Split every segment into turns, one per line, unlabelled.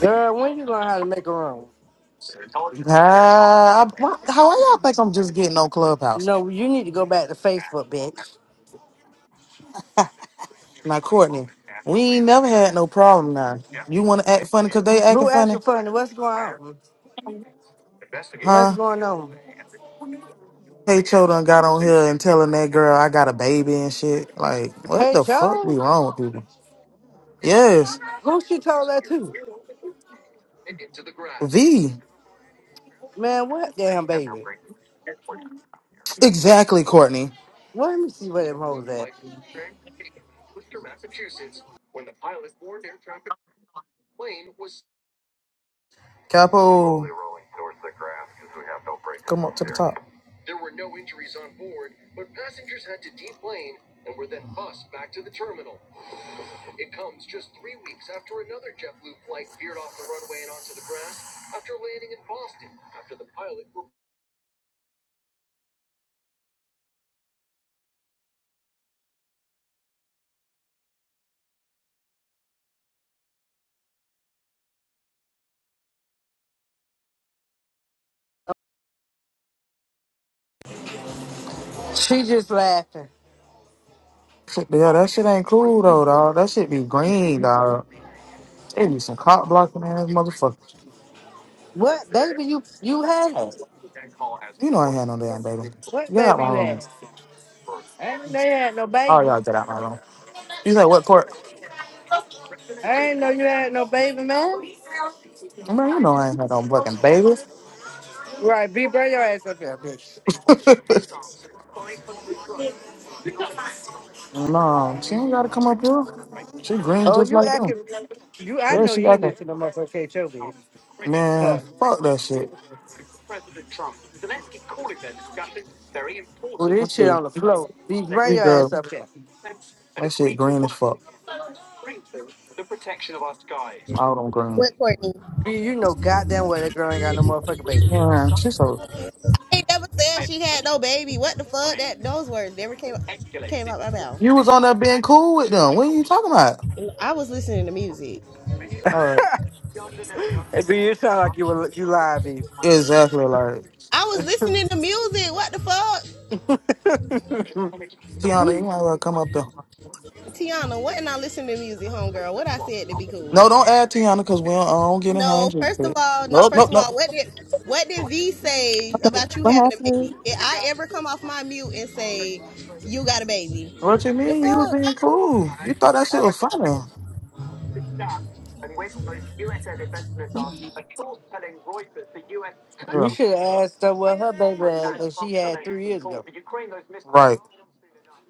Girl, when you learn how to make a room?
Uh, I, how y'all think I'm just getting on Clubhouse?
No, you need to go back to Facebook, bitch.
Now, Courtney, we ain't never had no problem now. You want to act funny because they acting
Who acting
funny?
funny? What's going on? What's
Huh?
going on?
Hey, Cho done got on here and telling that girl I got a baby and shit. Like, what
Hey,
the fuck be
Joe?
wrong with people? Yes.
Who she told that to?
V.
Man, what damn baby?
Exactly, Courtney.
Well, let me see where them hoes at.
Capo, Come up to the top.
She just laughing.
shit, yeah, that shit ain't cool, though, dog. That shit be green, dog. They be some cop blocking ass motherfucker.
What baby you you had?
You know I ain't had no damn baby.
What
Get out
baby
my
you
room.
had? I didn't know you had no
Oh
baby.
y'all get out my room. You said what court?
I didn't know you had no baby, man.
Man, you know I ain't had no fucking baby.
Right, be bring your ass up here, bitch.
no, she ain't gotta come up here. She green
Oh,
just
you
like them.
acting. You, I
Yeah,
know
she
you
got
ain't
that.
listen to no motherfucker K. Cho, bitch. Huh.
Man, fuck that shit. Let's
Well, this shit
see.
on the floor. B, bring
We
your ass
girl.
up here.
That shit green as fuck. Out on green.
What Courtney?
B, you know goddamn well that girl ain't got no motherfucking baby beans.
Yeah, shit so.
They never said she had no baby. What the fuck? That those words never came came out my mouth.
You was on there being cool with them. What are you talking about?
I was listening to music.
hey,
All right.
B, you sound like you were, you lied, B.
Exactly. Like,
I was listening to music. What the fuck?
Tiana, you might well come up there.
Tiana, wasn't I listening to music, homegirl? What I said to be cool.
No, don't add Tiana because we don't, I don't get in her
No,
injury.
first of all, no,
Nope,
first
nope,
of all,
nope.
what did what did V say
So
about you
what
having a baby?
happened?
Did I ever come off my mute and say you got a baby?
What you
The
mean? You was
fuck?
being cool. You thought that shit
All right,
was
bro.
funny. is done. And when those U S investments are still telling Reuters the U S
you
Yeah.
should have asked her what her baby had
that
that
from
she had three
domestic
years
call
ago.
for Ukraine, those missiles Right.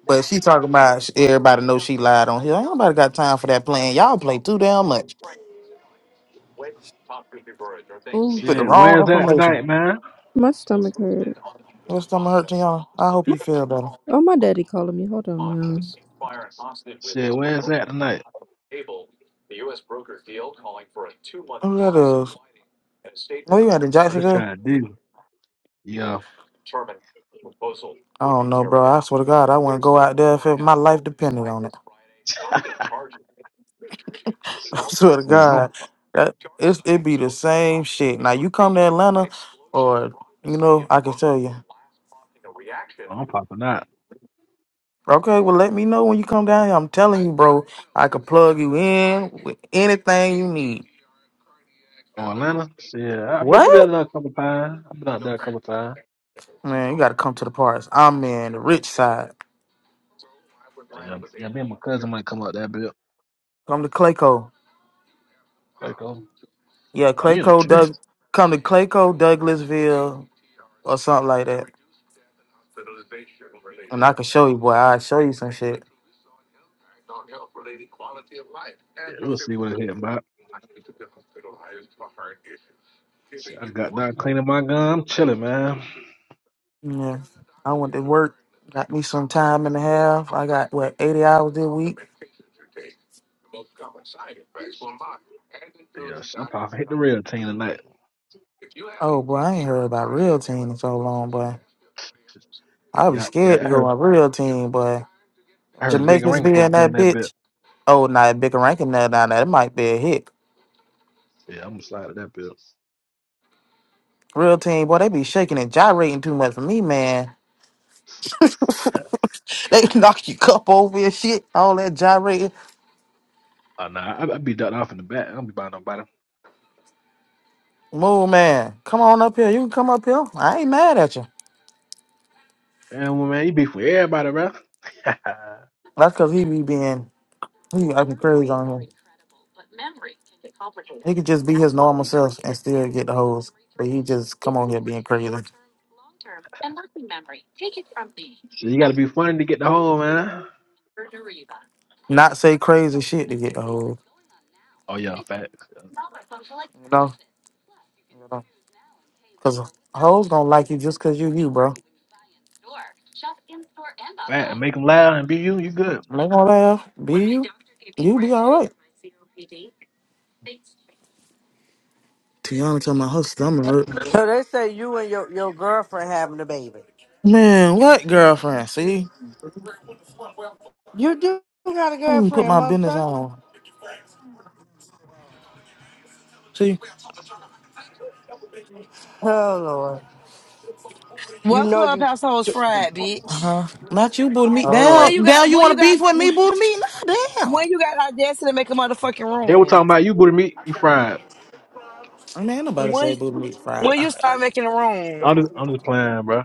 But she talking about sh- everybody knows she lied on here. Ain't nobody got time for that plan. Y'all play too damn much
Oh,
with the
Shit,
wrong
where's that
information.
tonight, man?
my stomach hurt.
That's gonna hurt to y'all. I hope you feel better.
Oh, my daddy calling me. Hold on, y'all.
Shit, where's that tonight?
Who that is? Oh, you had in
I just
Jacksonville?
trying to do. Yeah.
I don't know, bro. I swear to God, I wouldn't go out there if it, my life depended on it.
Shit,
I swear to
shit I'm,
God, that it's it be the same shit. Now you come to Atlanta, or you know, I can tell you.
I'm popping out.
Okay, well, let me know when you come down here. I'm telling you, bro, I could plug you in with anything you need.
Oh, Atlanta? Shit, I've been, been out
What?
there a couple times. I've been out there a couple times.
Man, you gotta come to the parts. I'm in the rich side.
Oh, yeah, yeah, me and my cousin might come out that bit.
Come to Clayco.
Great cool.
Yeah,
Oh, you in the
Clayco, Doug.
trenches?
Come to Clayco, Douglasville, or something like that. And I can show you, boy. I'll show you some shit.
Yeah, we'll see what it's hitting about. Shit, I got done cleaning my gun. I'm chilling, man.
Yeah. I went to work, got me some time and a half. I got, what, 80 hours this week?
Yeah, shit, I'm popping. Hit the real team tonight.
Oh, boy, I ain't heard about real team in so long, boy. I be
Yeah,
scared to
yeah, I
go
heard,
on real team, boy.
I heard Big and
Jamaicans
Ring
be
supposed to
in
be
that
in that bit.
bitch. Oh, nah, bigger ranking now, now, that might be a hit.
Yeah, I'm gonna slide at that bit.
Real team, boy, they be shaking and gyrating too much for me, man. They knock your cup over and shit, all that gyrating.
Oh, nah, I, I be ducked off in the back. I don't be buying nobody.
Move, man. Come on up here. You can come up here. I ain't mad at you.
Damn, well, man, you be for everybody, bro.
That's because he be being He be acting crazy on him. He could just be his normal self and still get the hoes. But he just come on here being crazy.
you gotta be funny to get the hole, man.
Not say crazy shit to get the hoes.
Oh yeah, fat,
You know? Because hoes gonna like you just because you you, bro.
fat, make them laugh and be you. You good?
And they gonna laugh. Be you. You be alright. Tiana tell my her stomach hurt.
So they say you and your, your girlfriend having a baby.
Man, what girlfriend? See?
You do got a
I don't even put
girlfriend,
my business
motherfucker.
on. See?
Oh, Lord. You
What
know you...
clubhouse hoes fried,
Uh
bitch?
huh. Not you, boo to me.
Oh,
'Cause when
Down,
Lord.
you got
down. You
when
want
you
to
got
beef with me, boo to me? Nah, damn.
when you got audacity to make a motherfucking
They were
room.
talking about you, booty meat. You fried.
Man, ain't nobody say
When
booty meat fried.
when you start making a
I'm
room.
just, I'm just playing, bro.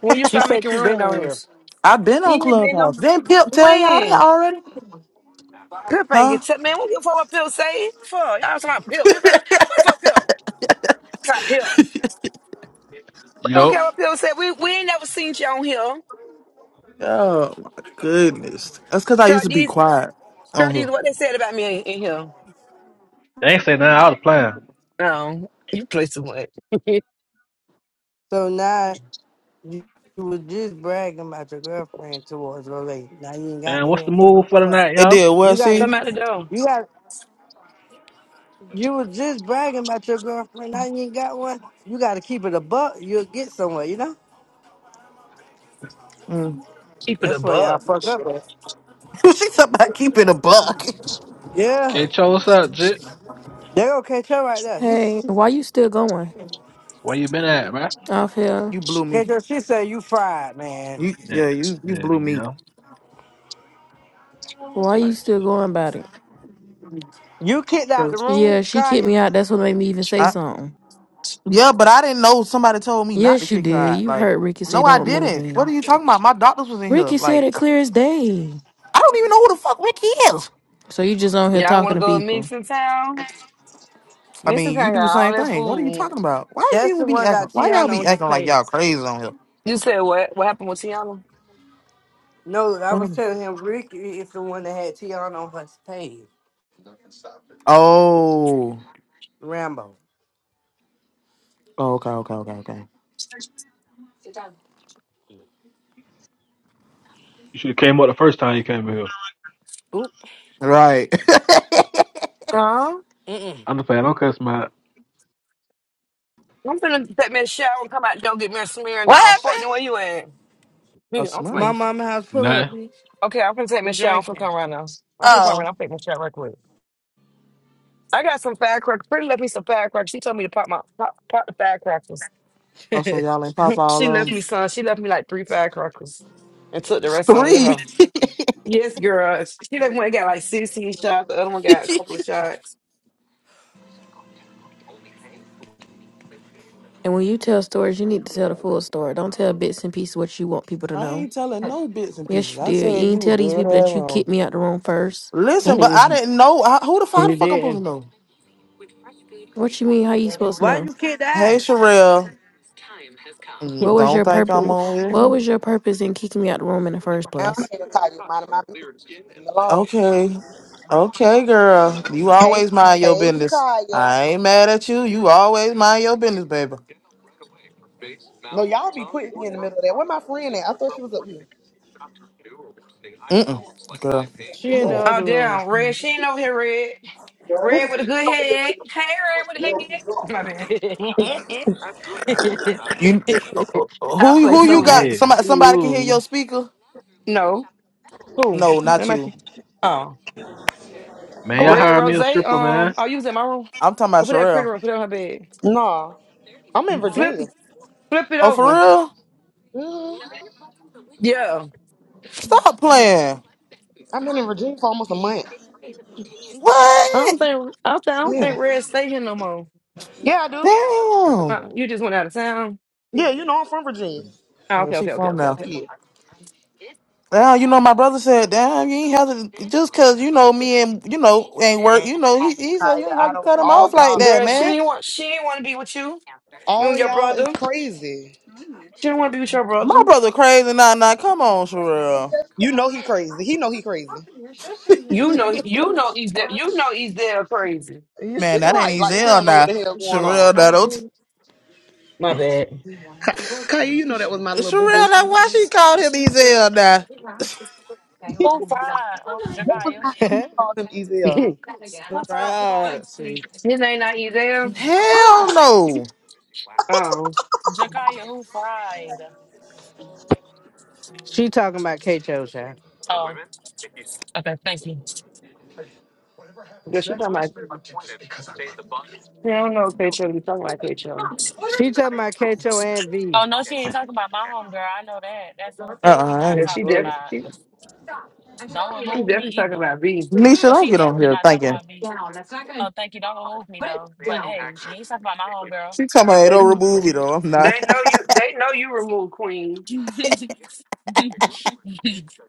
When you
She
start
said
making
she been on here.
rooms.
I've been
You
on
ain't been no
Clubhouse. Didn't Pip tell y'all that
when.
already?
Pip ain't
Huh?
get tip man, what the fuck what Pip say? Fuck. Y'all talking about Pip. Pip ain't what the fuck Pip? Fuck Pip. We don't care
Yo,
what Pip said. We we ain't never seen you on here.
Oh my goodness. That's because I
Try
used to be
these
quiet
try
on
these
here.
what they said about me in, in here.
they ain't say nothing. I was playing.
No. You play too much.
So now You, you was just bragging about your girlfriend towards your lady. Now you ain't got
Damn,
no
what's the
girlfriend.
move
What the
for
fuck?
tonight,
It
y'all?
did
You
well,
gotta,
see?
Come out the door.
you got. You was just bragging about your girlfriend. Now you ain't got one. You gotta keep it a buck. You'll get somewhere. You know.
Mm.
Keep it
That's where
above.
y'all fuck up. At.
she about keeping a buck.
Yeah,
K-Cho, what's up, jit?
they gonna catch her right there. He
Hey, why you still going
Where you been at, bro?
off here?
You blew
catch
me.
her. She said you fried, man.
You
Yeah,
yeah, you you
yeah,
blew me.
yeah.
Why you
Type
still
shit.
going about it?
You kicked out the room,
Yeah, she kicked
Kaya.
me out. That's what made me even say
I,
something.
yeah, but I didn't know somebody told me not to
Yes, you
kick her
did.
out.
You
Like,
heard Ricky say
no, I
don't remove
didn't. What are
me.
you talking about? My doctors was in here.
Ricky said
Like,
it clear as day.
I don't even know who the fuck Ricky is.
So you just on here
Y'all
talking
want to
to
go to
people.
Mixingtown?
I mean, you
Mixingtown
do the
got all
same
that
thing. What are you
food.
talking about? Why
That's the
you be
one that
acting?
got
Why y'all
Tiana
be
on his
acting like
page.
y'all crazy on here?
You said what? What happened with Tiana?
No, I
What
was
am-
telling him Ricky is the one that had Tiana on his page.
Oh,
Rambo.
oh, okay, okay, okay, okay.
You should have came up the first time you came here.
Oop.
Right.
Huh?
I'm just playing. Don't cuss my
I'm finna take me a shower and come out. Don't get me a smear
What
now.
happened?
Courtney, where you at?
A
Me, I'm
My
fine.
Smirnoff.
mama house pull up,
nothing.
bitch.
Okay, I'm finna take me
We
a shower. I'm finna
drinking.
come right now. I'm finna come
Oh.
right now. I'm taking my shower right quick. I got some firecrackers. Pretty left me some firecrackers. She told me to pop my pop, pop the firecrackers.
Oh, so y'all ain't pop
Mhm.
all
she
um
left me some. She left me like three firecrackers and took the rest on with
three.
her. Yes, girl. She left one that got like 16 shots. The other one got a couple of shots.
And when you tell stories, you need to tell the full story. Don't tell bits and pieces what you want people to
I
know.
ain't telling no bits and
Yes,
pieces.
you
I
did. You
said you
ain't
were
tell these
dead
people
ass
that you
wrong.
kicked me out the room first.
Listen, but I
Mhm.
didn't know. I, who the fuck? How
We
the fuck I'm supposed
didn't.
to know?
What you mean? How you supposed to
Why
know?
you kick the
Hey,
ass?
Sherelle. Mm,
What was
Don't
your
think
purpose?
I'm on
What
here.
was your purpose in kicking me out the room in the first
I'm
place?
here, Kaya. Mind my business. Leave me alone.
Okay. Okay, girl. You
Hey,
always mind your
hey,
business.
Jakaya.
I ain't mad at you. You always mind your business, baby.
No, y'all be putting me in the middle of that. Where my friend at? I thought she was up here.
Mm-mm. Girl.
She in the
Mm.
Oh
other room.
damn, Red. She ain't over here, Red. Red with a good head. Hey, Red with a head. My bad.
You
I
who
play
who you
so much.
got?
Yeah.
Somebody somebody can hear
Ooh.
your speaker?
No. Who?
No, not
Am I?
you.
Oh,
Man, y'all
Cool.
Red
hire me
Rose.
a stripper,
Um,
man.
oh, you was in my room.
I'm talking
Go
about
put that pretty
Sherelle.
room. Put it on her bed.
Nah, I'm in
Flip,
Virginia.
flip it
Oh, for
over.
real?
hmm
Yeah.
Stop playing.
I've been in Virginia for almost a month.
I don't
What?
think. I don't think, I don't
Yeah.
think Red stay here no more.
Yeah, I do.
Damn.
Uh, you just went out of town.
Yeah, you know I'm from Virginia.
Oh,
Yeah,
okay,
she
okay, okay,
from
okay,
now.
okay.
Yeah.
Now you know my brother said, "Damn, you ain't have to just 'cause you know me and you know ain't work.
Man,
You know he, he said
Kaya,
you ain't have
I
to
don't.
cut him off
All
like
y'all,
that,
Girl, she
man.
ain't want. She ain't want to be with you. Me
all
and your
y'all is
brother.
crazy.
She don't want to be with your
My
brother.
brother crazy now. Now come on, Sherelle,
You know he crazy. He know he crazy.
You know, you know, Ezel, you know, Ezel crazy.
You sh-
man, that ain't
right? Like she
Ezel
don't know what
now.
the hell going on.
Sherelle, now don't t-
My bad.
Kaya, you know that was my little boo
Sherelle,
boo.
now why she called him Ezel now?
Who fried um
That was
Jakaya?
not me who called him
His
Ezel.
Who fried Jakaya?
Right, see,
name not Ezel.
hell no.
Oh,
Jakaya, who fried?
she talking about Kato, child.
Oh, okay, thank you.
yeah, she talking about. She don't know Quaitro. We talking about Quaitro.
She talking about Kato and
Oh
V.
no, she ain't talking about my homegirl. I know that. That's one
Uh,
thing she
uh
not
Yeah, she
talking
definitely,
about.
she,
Don't
she
remove me
definitely talking
either.
about B.
Nisha,
Well,
don't
she
get on
definitely
here
not talking
thinking
about me. Oh, thank you. Don't remove me though. But hey, you ain't talking about my homegirl.
she talking about it don't
Lady,
though. I'm not.
they know you. They know you removed Queen.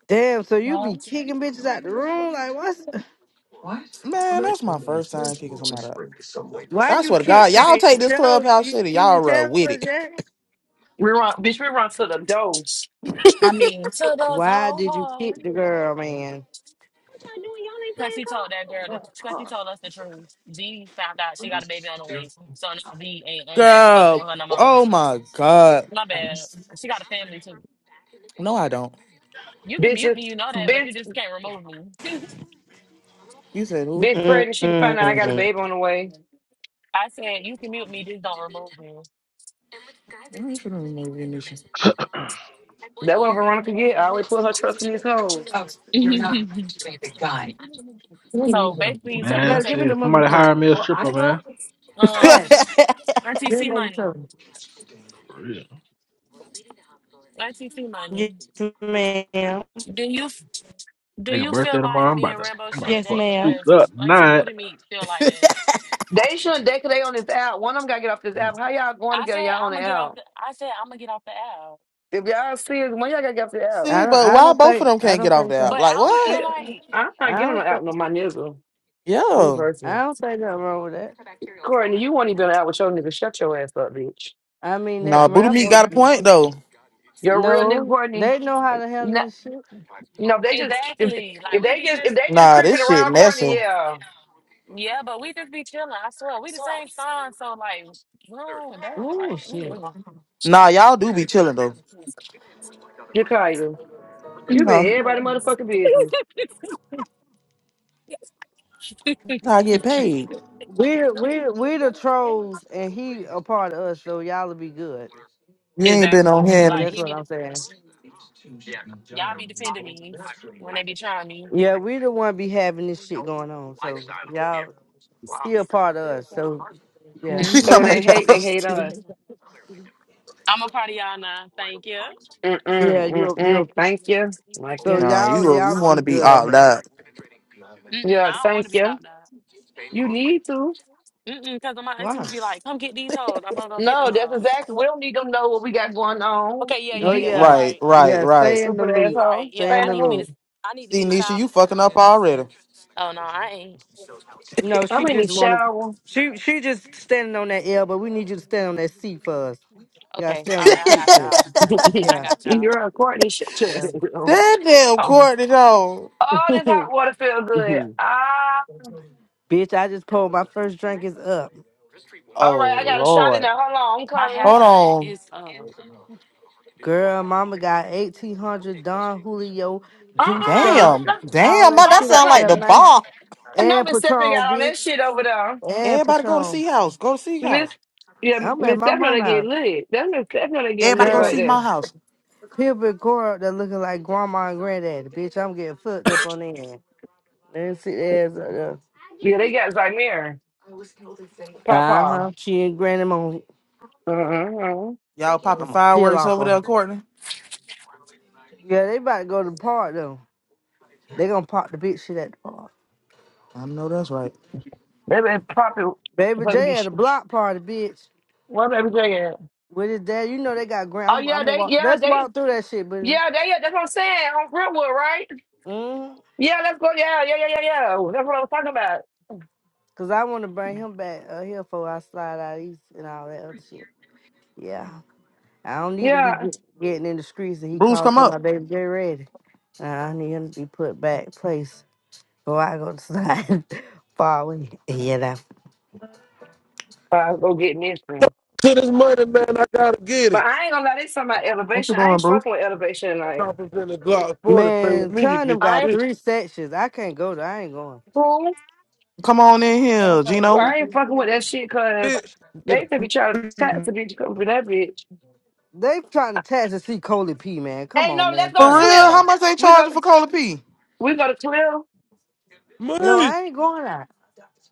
Damn, so you be kicking bitches out the room? Like, what's.
No.
man, that's my first time kicking somebody. out.
Why
I
you
swear to
kick
God, y'all
K
take this clubhouse
You
shit and
you
y'all
didn't tell
run with
her
it.
yet?
We run, bitch. We run to the door.
I mean, to those
Why
old
did you
hoes.
kick the girl, man?
What y'all doing? Y'all ain't
Because he
playing
told
golf?
that girl, because
Oh my
he
god.
told us the truth. V found out she got a baby on the way. So now V ain't on that fucking
Girl,
with her no more.
oh my God.
My bad. She got a family too.
No, I don't.
You can
Bitch,
mute me,
is-
you know that, but you
bitch,
just can't remove me.
You said who?
bitch. Pregnant. She to find out I got a
Mm-mm.
baby on the way.
I said, you can mute me, just don't remove
That one Veronica get. I always put her trust in these hoes.
me. So basically, you're telling me
Man,
Better
to
give
take
me
shit,
the
somebody hire me a stripper, man.
um
fat.
RTC money,
For real.
RTC
Yes,
money.
ma'am.
Do you f- do
Nigga
you feel
birthday
like
tomorrow. I'm
me
about
and
to
Rambo
I'm about to
shouldn't
Yes,
fuck
date
the
ma'am.
streets
because
up
Auntie
tonight.
Booty Meat feel like that?
They shouldn't. They, they on this app. One of them got to get off this app. How y'all going
I
together?
said
Y'all on
I'm
the
gonna get
app.
off the. I said I'm gonna get off the app,
If y'all see it, when y'all gotta get off the app.
I
See,
don't.
but
I
why
don't
both of
think.
them
I
can't
don't
get off
think
the
so.
app?
but I
Like,
don't
what?
feel
We,
like
I'm not
I
getting on
don't
the app
think.
no my nigga. Me
Yeah.
I
personally.
don't think nothing wrong with that.
Courtney, you won't even out with your nigga. Shut your ass up, bitch.
I mean, that
Nah, Booty Meat
Rambo.
got a point, though.
Your real nigga,
No,
Courtney.
they know how to handle
No,
this shit.
you know, if they just if,
Exactly. Like
if
we
they
be
just if
just
they just
Nah,
creeping
this shit
around Courtney,
messing.
yeah.
yeah, but we just be chilling. I swear, we the same song. So like, no, that's
Ooh,
like.
Nah, y'all do be chilling, though.
You call you. You
mm.
been
Huh?
everybody motherfucking business.
That's how I get paid.
We the- we the- we the trolls, and he a part of us. So y'all will be good.
You ain't been on
exactly.
here.
Like
and-
That's
he
what
be, de-
I'm saying.
y'all be defending me when they be trying me.
Yeah, we the one be having this shit going on. So y'all, he a part of us. So yeah,
She
So
talking
when
hmm
they
about
hate,
y'all.
they hate us.
I'm a part of y'all now. Thank you.
Mm
yeah,
mm mm
you you.
mm. Thank you. Like
So
you.
Nah,
y'all
you,
y'all
you
will
want
be
to be
good on
opt
here.
out.
Mm-mm,
Yeah,
I don't want to
thank
be
you.
out there.
You need to.
Mm-mm, because my aunties
Wow.
be like, come get these hoes. I'm gonna go get
No,
them
that's
hoes.
exactly. We don't need them to know what we got going on.
Okay, yeah, yeah,
Oh
Be.
yeah. You
yes,
Right,
right.
right,
yes.
right.
Stay in the
Stupid
You
loop.
right.
asshole.
Yeah,
Stay
Stay
in
in
I
the
the
need to be the
loop.
room.
I need to be
See,
the
Nisha, you
silent.
fucking up
Mm.
already.
Oh no, I ain't.
No, she
I'm in the
just wanted.
shower.
She she just standing on that L, but we need you to stand on that C for us. You gotta
Okay.
stay on
All
that
right, I
creek
got
shit.
y'all.
that
I
Yeah,
got y'all.
You're a Courtney shit too.
yeah.
damn
Oh,
Courtney though.
Oh, this hot water feel good. Ah,
Bitch, I just pulled my first drink is up.
all
Oh
right. I got a shot in
Lord.
there. Hold on. I'm
My hair
coming.
Hold
done
on.
is uh
Girl, mama got eighteen hundred Don Julio, Duce,
Uh-uh. No,
Damn.
all
Damn,
that
my, that
I'm
shit up
sound
not
like
there,
the
coming.
man.
bar.
I know
And
Miss Stephanie got
Patron,
all that
bitch.
shit over there.
And
Everybody go to
Patron.
Sea House. Go to Sea
Miss,
House.
yeah,
I'm at
Miss
my
Stephanie they get
mama
lit. That Miss Stephanie they get
Everybody
lit
go
house.
to
like
see my
that.
house.
Pubic core up there looking like grandma and granddaddy. Bitch, I'm getting fucked up on the end. Let me see there's uh
Yeah, they got Zymir.
uh
Papa.
huh. She and granny
Uh huh.
Y'all
I'm
popping
gonna peel
fireworks
off
over
on.
there,
her.
Courtney.
Yeah, they about to go to the park though. They gonna pop the bitch shit at the park.
I know that's right.
They been popping.
Baby
Fucking be.
J at a block party, bitch.
What baby J at?
With his dad, you know they got grand.
Oh
I'm, I'm
yeah,
gonna
they
walk.
yeah
Let's
they
walk through that shit, buddy.
Yeah, that, yeah, that's what I'm saying. On Brentwood, right?
Mm-hmm.
Yeah, let's go. Yeah, yeah, yeah, yeah, yeah. That's what I was talking about.
Cause I want to bring him back uh, here before I slide out east and all that other shit. Yeah, I don't need to be
Yeah.
get, getting in the streets. And he
Bruce,
called
come
to my
up.
baby J ready. I need him to be put back place before I go to slide far away. Yeah, that
I'll go get this one.
To this money, man, I gotta get
But
it.
I ain't gonna lie, this something about
What you
elevation. I
doing,
ain't
Bruce?
fucking with elevation. Like,
Choppers in the Glock 40, play with
man.
me, you
Trying them
get
I
got
this
ain't,
three sections. I can't go there. I ain't going.
fool.
Come on in
Y'all
here,
probably
Gino.
I
got three
ain't fucking with that
sections.
shit because
bitch. Get
they could be trying to
a
tax the bitch for that bitch.
They trying to test to see Coley P, man. Come
Hey, no,
on,
let's
man.
go
For
to
Burn
real?
up,
How
Cliff.
man.
much they
We go,
charging for Cola P?
we go to Cliff.
No,
money,
I ain't going out.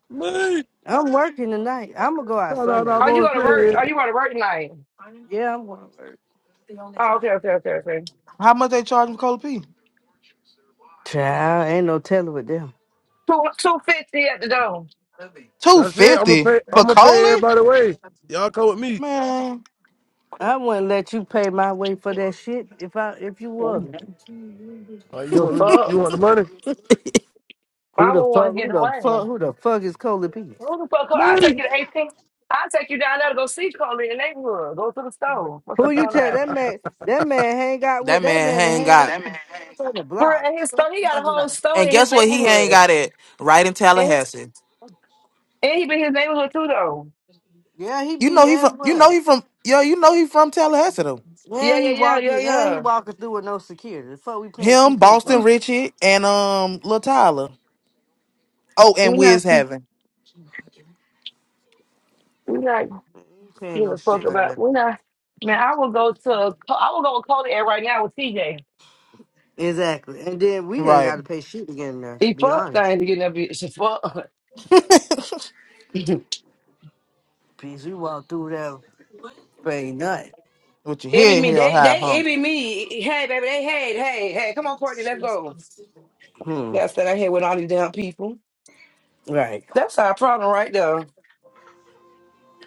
money.
I'm working tonight. I'm gonna go out
No, no, no,
Sunday,
I'm
Are you
gonna
man.
gonna
say
work? Are
it.
you gonna work tonight?
Yeah, I'm going.
Oh, okay, okay, okay, okay.
How much they charging for Cola P?
Child, ain't no telling with them.
Two, 250 at the door.
Two
That's it. I'm gonna
fifty
pay. I'm
for
gonna pay
Cola?
everybody away. Y'all come with me.
Man.
I wouldn't let you pay my way for that shit if I if you was.
The
All right, you want me? You
fuck?
want the money?
Who
I
the
won't
fuck?
want to get
Who
the
the
money.
fuck? Who the fuck is Coley P?
Who the fuck? I'll
Money.
take you to 18. I'll take you down there to go see Cole in the neighborhood. Go to the store. What
Who
you
you
talking
tell
about?
that man? That man hang out
That
with that
man
man to
ain't
hang out.
got.
That man hang out on the
For
block.
real, in his store, he got a
Talking
whole
about.
store
And
in his
guess what? He ain't
neighborhood.
got it right in
And his
Tallahassee.
and he been in his neighborhood too though.
Yeah, he
You know
be
he from. You know
everywhere.
he from. Yo, you know he from Tallahassee though.
Yeah,
And he
yeah, yeah, yeah,
walking. And he
yeah.
walking through with no security. The fuck, we paying two
Him,
fifty
Boston
bucks.
Richie, and um, Lil Tyler. Oh, and
We not
Wiz
we
Heaven.
not
Man, We ain't paying
give
no
a fuck
shit like
about
that.
we not man, I will go to I will go with Cody Air right now with TJ.
Exactly. And then we ain't got
Right.
to pay shit again. there.
He
be
fuck
honest,
thing to get in that bitch. Fuck. it
bitch. We walked through that, paying nothing.
With your
be
head
me.
held
They
high,
they
huh?
it be me. Hey baby, they hey, hey, hey, come on, Courtney, let's go.
Hmm.
That's that I had with all these damn people.
Right,
That's our problem right there.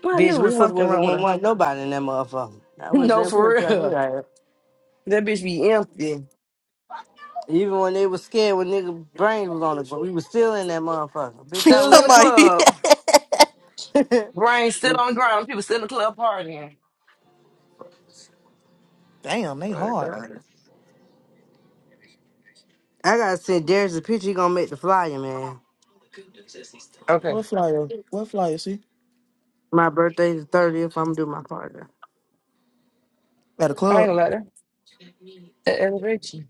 I knew
bitch.
it
We
was
was
something
with
wrong with
one
us.
one nobody in that motherfucker. I wish
No,
they
for
would try me
real.
like that.
That bitch be empty.
Even when they was scared when nigga brains was on it, but we was still in that motherfucker. Bitch, I
Still in
wish
the
I
Somebody.
club.
Swear
Brain still on the ground. People still in the club partying.
Damn, they
to
hard.
God. I gotta send Darius a picture. He gonna make the flyer, man.
Okay.
What flyer? What flyer? See
My birthday's the thirtieth. I'm gonna do my party.
at a
I ain't
club.
gonna let her. That elevate you.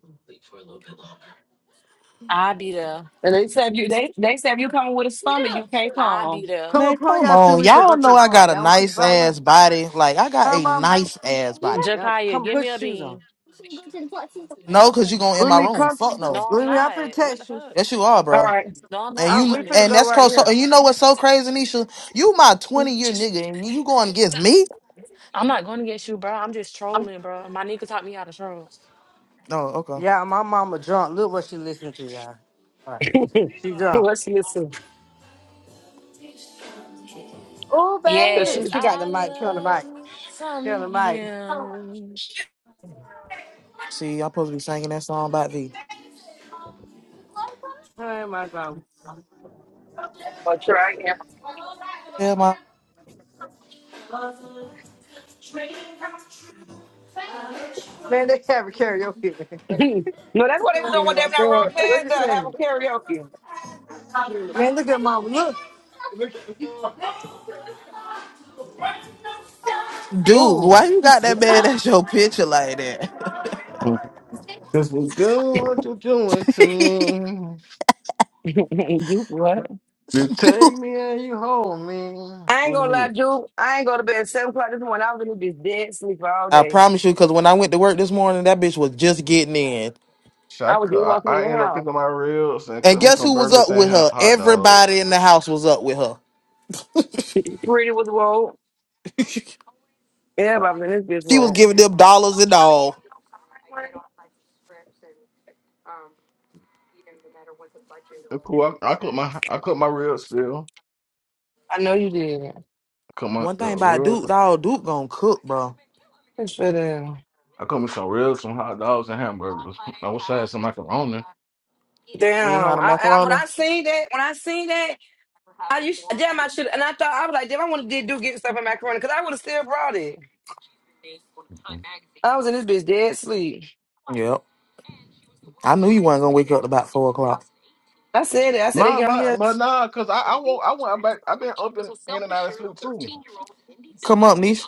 I be the.
And they said you they they said if you coming with a stomach, you can't
I be
come. All
the.
Come
Man,
upon
come
y'all shoes.
on.
We should
Y'all
go to
know
the
I
park.
got a
Y'all wanna see the
nice
fireworks?
ass body. Like I got
Huh,
a
mom?
nice ass body.
Yeah,
Jakaya,
come
give
put
me a
your shoes on.
bean.
No, cause you gonna in
Bring
my
me
room.
come.
Fuck no.
No, I'm
Bring me. I'm
not.
finna
What the
text you.
fuck?
Yes, you are, bro.
right.
No, I'm not.
And
I
Uh,
you
we finna
and
promise.
go
that's
right
crazy. So,
here.
and you know what's so crazy, Nisha? You my twenty year nigga, and you going against me?
I'm not going to get you, bro. I'm just trolling, bro. My nigga taught me how to troll.
Oh, okay.
Yeah, my mama drunk. Look what she listening to, y'all. All right. She drunk.
Let's listen.
Oh,
Cause
baby.
she
Yes,
And she got the
I
mic. Turn the
love
mic.
me
Turn
some
the mic.
him.
See, I'm supposed to be singing that song about thee.
Turn my phone.
I'll try again.
Tell my
Man, they have a karaoke.
no, that's what they were doing
Oh,
when they
my
were not roll
God. What
past
you
the have
say?
a
Man, look at mama. Look.
dude,
Ooh.
why you got that bad
Mm-hmm.
at your picture like that,
Cause you do what you're doing to me.
karaoke. you what?
You take
dude?
me and you hold me.
I ain't
What do you
gonna lie,
mean?
Drew. I ain't go to bed at seven o'clock this morning. I was in this be dead sleeper all
I
day.
promise you, because when I went to work this morning, that bitch was just getting in.
Shit, I
I was
cook.
just
I,
walking in
I
the
ended up
house.
cooking my ribs and
And
cook me
guess
some
who was
burgers
up
and
with
hot,
her?
hot
Everybody
dogs.
in the house was up with her.
Pretty was rolled.
she
I,
Everybody was in this bitch
was
rolled.
giving them dollars and all.
it's cool. I, I cook my I cook my ribs still.
I know you did.
I cook my
One
uh,
thing about
ribs.
Duke, dog, Duke gonna cook, bro.
It's for them.
I cook me some ribs, some hot dogs, and hamburgers. I wish I had some macaroni.
You ain't
Damn.
had a
I, I when
macaroni?
I seen that, when I seen that, I used damn I should and I thought I was like, damn, I wanna did do get stuff in macaroni because I would have still brought it. I was in this bitch dead sleep.
Yep. I knew you weren't gonna wake up about four o'clock.
I said it. I said they
Nah,
get on
but
here
but nah, cause I I won't, I went back. I've been up and in and out of sleep too.
Come up, niece.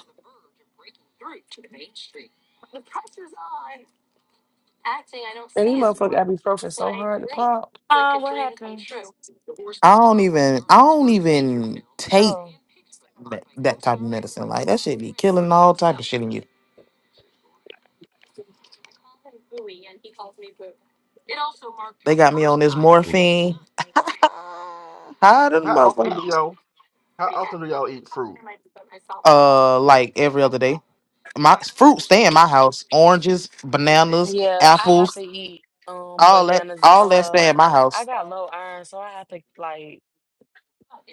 and these motherfuckers ibuprofen so hard to pop.
Ah, what happened?
I don't even I don't even take
So
that, that type of medicine. Like that shit be killing all type of shit in you. They got me on this morphine. High to the
How often
motherfucker.
do y'all How often do y'all eat fruit?
Uh like every other day. My fruit stay in my house. Oranges, bananas,
yeah, I
apples.
have to eat um
All that
bananas and
all that
stuff.
stay at my
I
house.
got low iron, so I have to like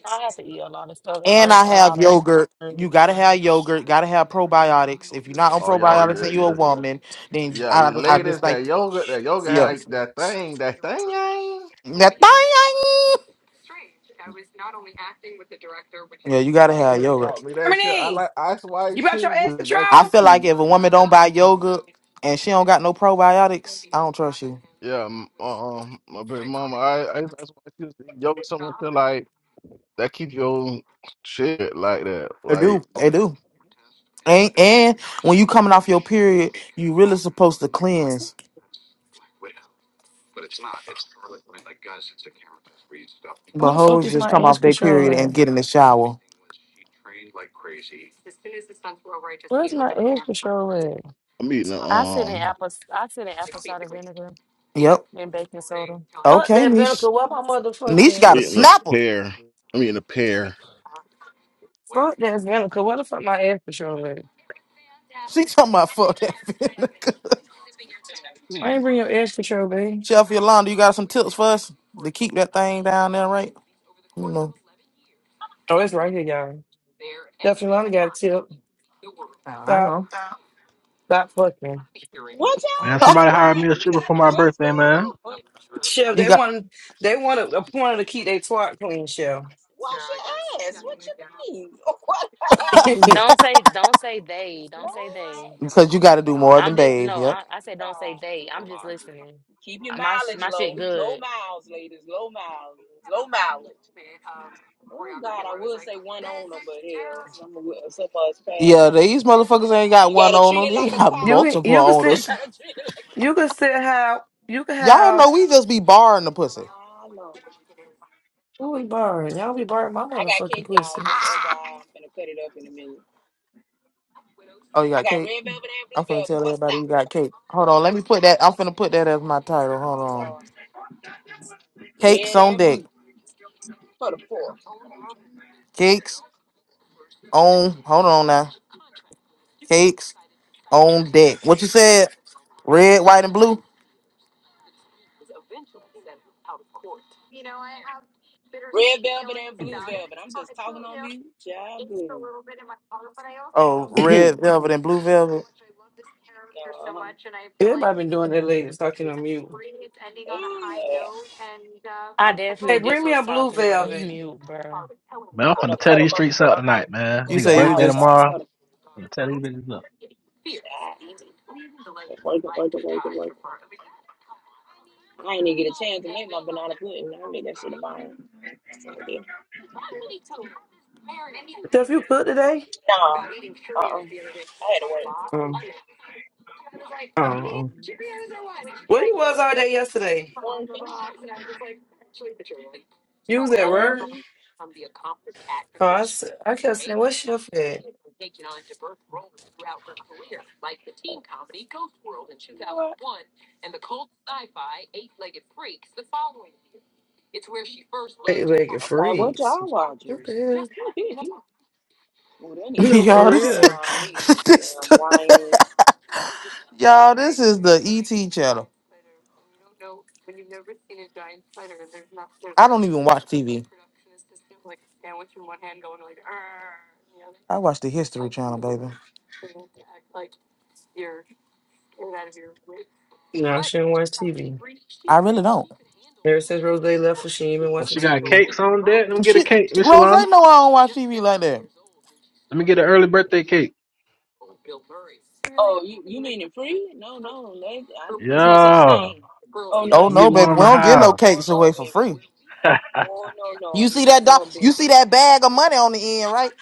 I have to eat a lot of stuff and
And
drink
I
a
have
lot of.
yogurt. You
um,
gotta have yogurt, gotta have probiotics. If you're not on
Oh yeah,
mm.
probiotics
yeah,
and you're a
yeah,
woman, then
yeah.
I I just
Ladies,
think
that yoga, that yoga,
yeah.
had that thing, that thing, ain't.
That thing. Yeah, you gotta
My
have
ears taught
yogurt.
me that shit. I
Harmony,
like ice white
you brought your
shoes.
ass
Was that
I
control?
keep
feel like
you?
if a woman don't buy yogurt and she don't got no probiotics, I don't trust you.
Yeah, m- uh, um, my baby mama, I, I used to ask why she was eating yoga. Someone feel like that keep your shit like that.
They
Like
do. They do. And, and when you coming off your period, you really supposed to cleanse.
Where
But
the fuck
hoes
is
just
my
come
ass
off their
control
period
at?
and get in the shower.
Where's my extra show at?
I'm eating a
I sit in
um,
apple. I sit in apple cider vinegar
Yep.
and baking soda.
Fuck
Okay,
that vinegar.
Niche.
Where my
Niche
I'm
got a
motherfucking
eating a
snapper.
pear. I'm eating a pear.
fuck that vinegar? Where the fuck my extra show at?
She talking about fuck that vinegar.
I ain't bring your extra show, babe.
Chef Yolanda, you got some tips for us to keep that thing down there, right? You know.
Oh, it's right here, y'all. Definitely Lonnie got a tip.
I
Stop,
know.
stop fucking.
What y'all
Man, somebody
got?
hire
What?
me a stripper for my
What's
birthday,
going
man.
on?
Chef,
you
they
got
want they want a point to keep their twat clean, Chef.
Wash your ass. What you mean?
you
Don't say. Don't say they.
What?
Don't say they.
because you got to do more than
I'm just
bathe.
no.
Yep.
I, I said
Lord
don't say
God.
they. I'm just listening.
Keep your
Uh, My sh-
mileage
my shit
low. Low
good.
miles, ladies. Low miles. Low mileage. Oh God, I would say one owner, but hell, some of us
Yeah,
faster.
these motherfuckers ain't got
You
one
gotta
owner.
treat it
They
like a
got
car.
can
multiple
you can
you
sit
owners.
gotta treat it like
you can sit how you can
Y'all
have
know we just be barring the pussy.
my lord.
who is barring? Y'all be barring my
I got
motherfucking
cake, y'all.
pussy.
Just FYI, I'm gonna cut it up in a minute.
Oh, you
I
got
got
cake.
red velvet and
I'm
blue
finna
velvet.
tell
What's up?
everybody we got cake. Hold on, let me put that. I'm finna put that as my title. Hold
My
on.
Lord.
Cakes
Red
on
and
deck.
blue for the poor.
Cakes on. Hold on now. Cakes on deck. What you said? Red, white, and blue.
Red velvet and blue velvet. I'm just talking on mute. Yeah, blue.
Oh, red velvet and blue velvet.
Uh-huh.
Everybody been doing that lately, talking on mute.
Oh, Lord.
I
Oh,
definitely
Hey,
just
bring me
was
a blue
talking on
Jesus.
velvet.
mute, bro.
Man,
I'm
I'm finna
gonna
tear
cut them
these
up
streets
a minute.
up
I'm gonna
tonight, man.
go
You
Nigga
to the
say you
birthday
house. So
just
I'm
tomorrow.
cutting.
I'm finna tear these bitches up.
Yeah. Working, working, working, working. I ain't even get a chance to make my banana pudding. I made that shit in my own.
Jeff, you cook today?
Nah. Uh uh I had to work.
Oh, oh, oh.
Mm-mm.
Where you was all day yesterday?
Working.
You was at work?
Um,
Oh, I, s- I kept saying, what's Chef at?
you know what?
Hey, like it
I'm like, what
freeze.
y'all watching?
What the hell?
Well, they need to
No,
slow
for
y'all.
down
This,
real.
behind me. Damn
this.
Lions.
Y'all, this is the ET channel. I don't even watch TV. I watch the History Channel, baby.
No, she didn't watch TV.
I really don't.
Ever since Rose left, she ain't been
Oh,
watching
she got
TV.
cakes on deck. Let me get a
She,
cake, Miss
Rose, I
Yolanda.
know I don't watch TV like that.
Let me get an early birthday cake.
Oh, you you mean it free? No, no, they, I, there's no such
Yeah.
thing. Oh no,
Oh
Let me
that's
no,
get
okay.
one
baby, we
on the
don't get no
house.
Oh
cakes
no,
away for
baby.
free.
Oh no,
You
no,
see that doc?
no,
You see
baby.
that bag of money on the end, right?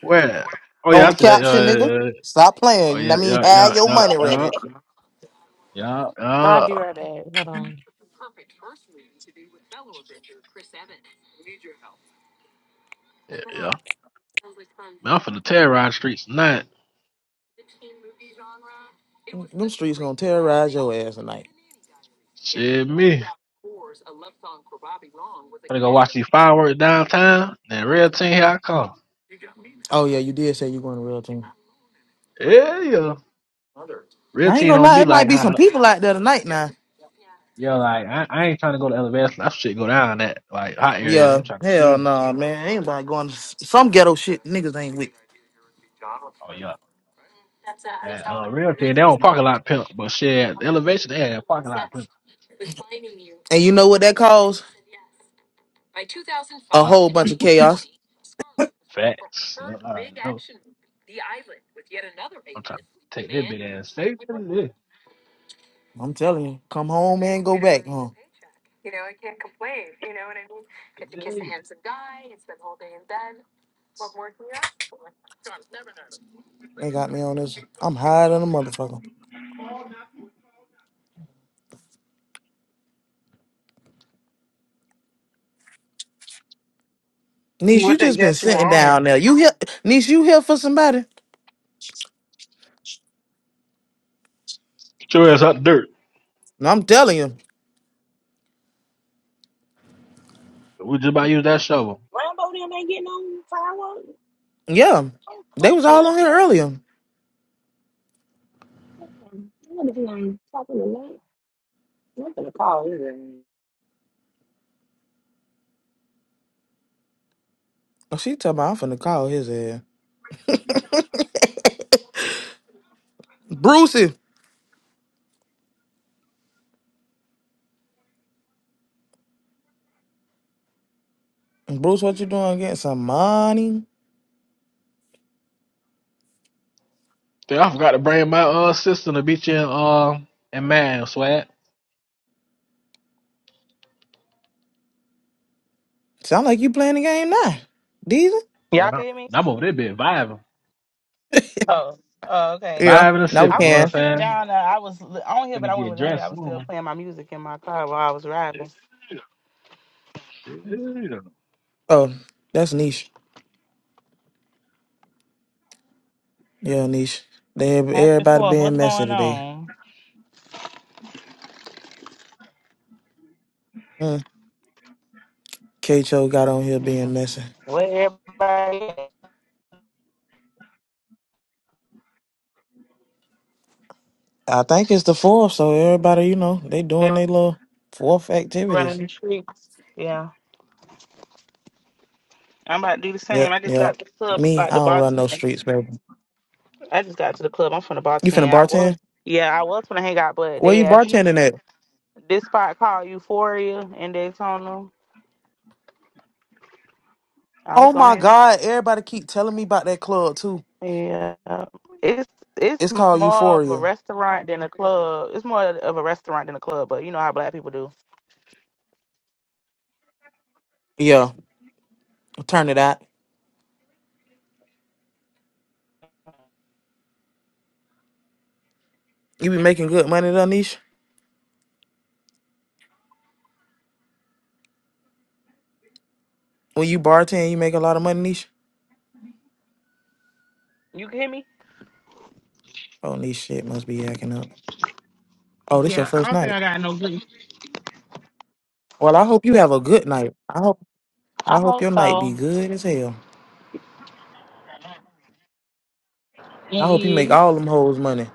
Where? Oh
On
yeah, I
the
see that. Yeah,
caption,
yeah,
nigga.
yeah. yeah.
Stop
Oh
playing. I
yeah,
mean,
yeah,
have
yeah,
your
yeah,
money
yeah,
ready.
yeah, yeah.
I'll
yeah.
be right back. Hold on.
yeah, yeah. Man, I'm finna terrorize the streets tonight.
Them streets gonna terrorize your ass tonight.
Shit, me. Finna go watch these fireworks downtown. Then real team, here I come.
Oh yeah, you did say you going to real team.
Yeah, yeah. Real
I ain't
team
gonna
don't
lie,
be
it might
like
be some
hot.
people out there tonight now.
Yeah, like I, I ain't trying to go to LVS. That shit go down that like hot areas.
Yeah,
I'm trying to
hell
chill.
no, man. Ain't nobody going to some ghetto shit niggas ain't with.
Oh yeah. That uh, real team, they don't park a lot pimp, but shit, the elevation they had a parking lot pimp.
And you know what that caused? A
Ah,
whole bunch of chaos.
facts. Yeah, all right, no. I'm trying to take that big ass safe. Yeah,
I'm telling you, come home and go back home.
yeah.
They got me on this. I'm higher than a motherfucker. Niece,
What
you
they
just been
got you
sitting
on?
down there. You here, niece? You here for somebody?
Get your ass out the dirt.
No, I'm telling you.
We just about to use that shovel.
Rambo them ain't getting no fireworks.
Yeah,
Oh,
they
cool,
was all
chill.
on here earlier.
I wonder if he's on top of the night. I'm gonna call him.
Oh, she talking about I'm finna call his ass. Brucey. Bruce, what you doing? Getting some money?
Dude, I forgot to bring my uh sister to beat you in uh in man swag.
Sound like you playing the game now. Diesel?
Yeah,
Y'all
and I'm
can hear me?
and I'm over there bit vibing,
Oh, oh, okay.
Yeah.
vibing and
Now we
I
sipping. You know
was just
can.
what
sitting
I'm saying?
down. Uh, I was li- on here, but
Gonna
I wasn't
get
really on here. I
dressed
was still
soon.
playing my music in my car while I was riding.
Yeah. you don't know.
Oh, that's niche. Yeah, niche. They
Happy
everybody
Fourth.
being
What's
messy
going
today.
on?
Mm. Cho got on here
Yeah.
being messy.
Where everybody at?
I think it's the fourth, so everybody, you know, they
They
doing their little fourth
running
activities.
the streets? Yeah. I'm about to do the same.
Yep,
I just
yep.
got to the club. I'm
Me,
About
I
the
don't run no
bartend.
streets, baby.
I just got to the club. I'm from the
You finna
bartend. I was.
bartend?
Yeah, I was gonna hang out, but
Where
they
you
asked
bartending at?
this spot called Euphoria in Daytona. I was
Oh
gonna
my
hang
God! Everybody keep telling me about that club too.
Yeah, it's it's
It's
more
called
of a
Euphoria.
restaurant than a club. It's more of a restaurant than a club, but you know how black people do.
Yeah, turn it out. You be making good money though, Nisha. When you bartend, you make a lot of money, Nisha.
You can hear me?
Oh, Nisha, shit must be acting up. Oh, this your
Yeah, I
first
don't think
night.
I got no good.
Well, I hope you have a good night. I hope
I
I hope
hope
your night be
so.
good as hell.
It
I hope you make
is.
all them hoes money.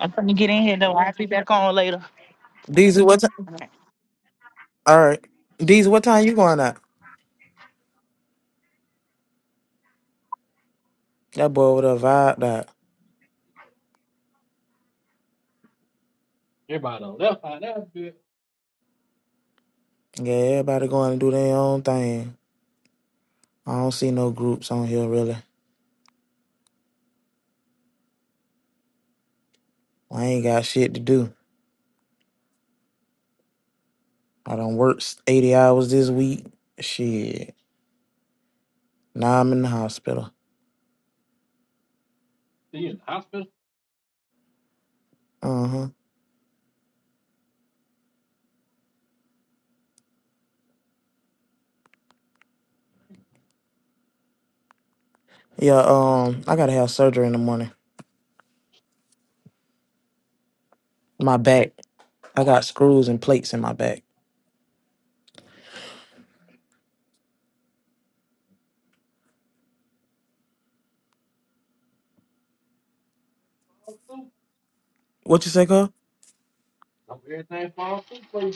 I'm trying gonna get in here though. I'll be back on later.
Deezy, what time? All right, Deezy, what time you going out? That boy with a vibe that.
Everybody on left out that bit.
Yeah, everybody going to do their own thing. I don't see no groups on here really. I ain't got shit to do. I done worked eighty hours this week. Shit. Nah, I'm in the hospital.
you in the hospital.
Uh huh. Yeah. Um, I gotta have surgery in the morning. My back. I got screws and plates in my back.
too.
What you say, girl?
Hope everything falls through for you.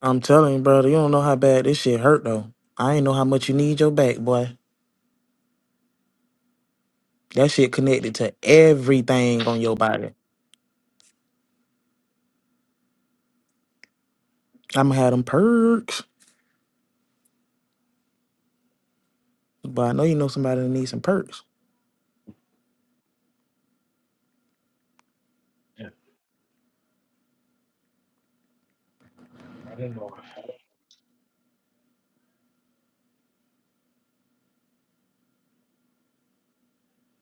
I'm telling you, brother. You don't know how bad this shit hurt though. I ain't know how much you need your back, boy. That shit connected to everything on your body. I'ma have them perks, but I know you know somebody that needs some perks.
Yeah, I didn't know.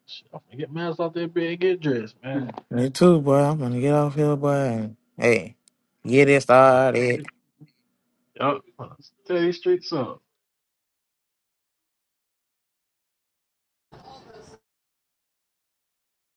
Shit, I'm gonna get mans off that bed and get dressed, man.
Me too, boy. I'm gonna get off here, boy. And, hey, get it
I'm gonna,
started.
Yup. I'm gonna tear these streets up.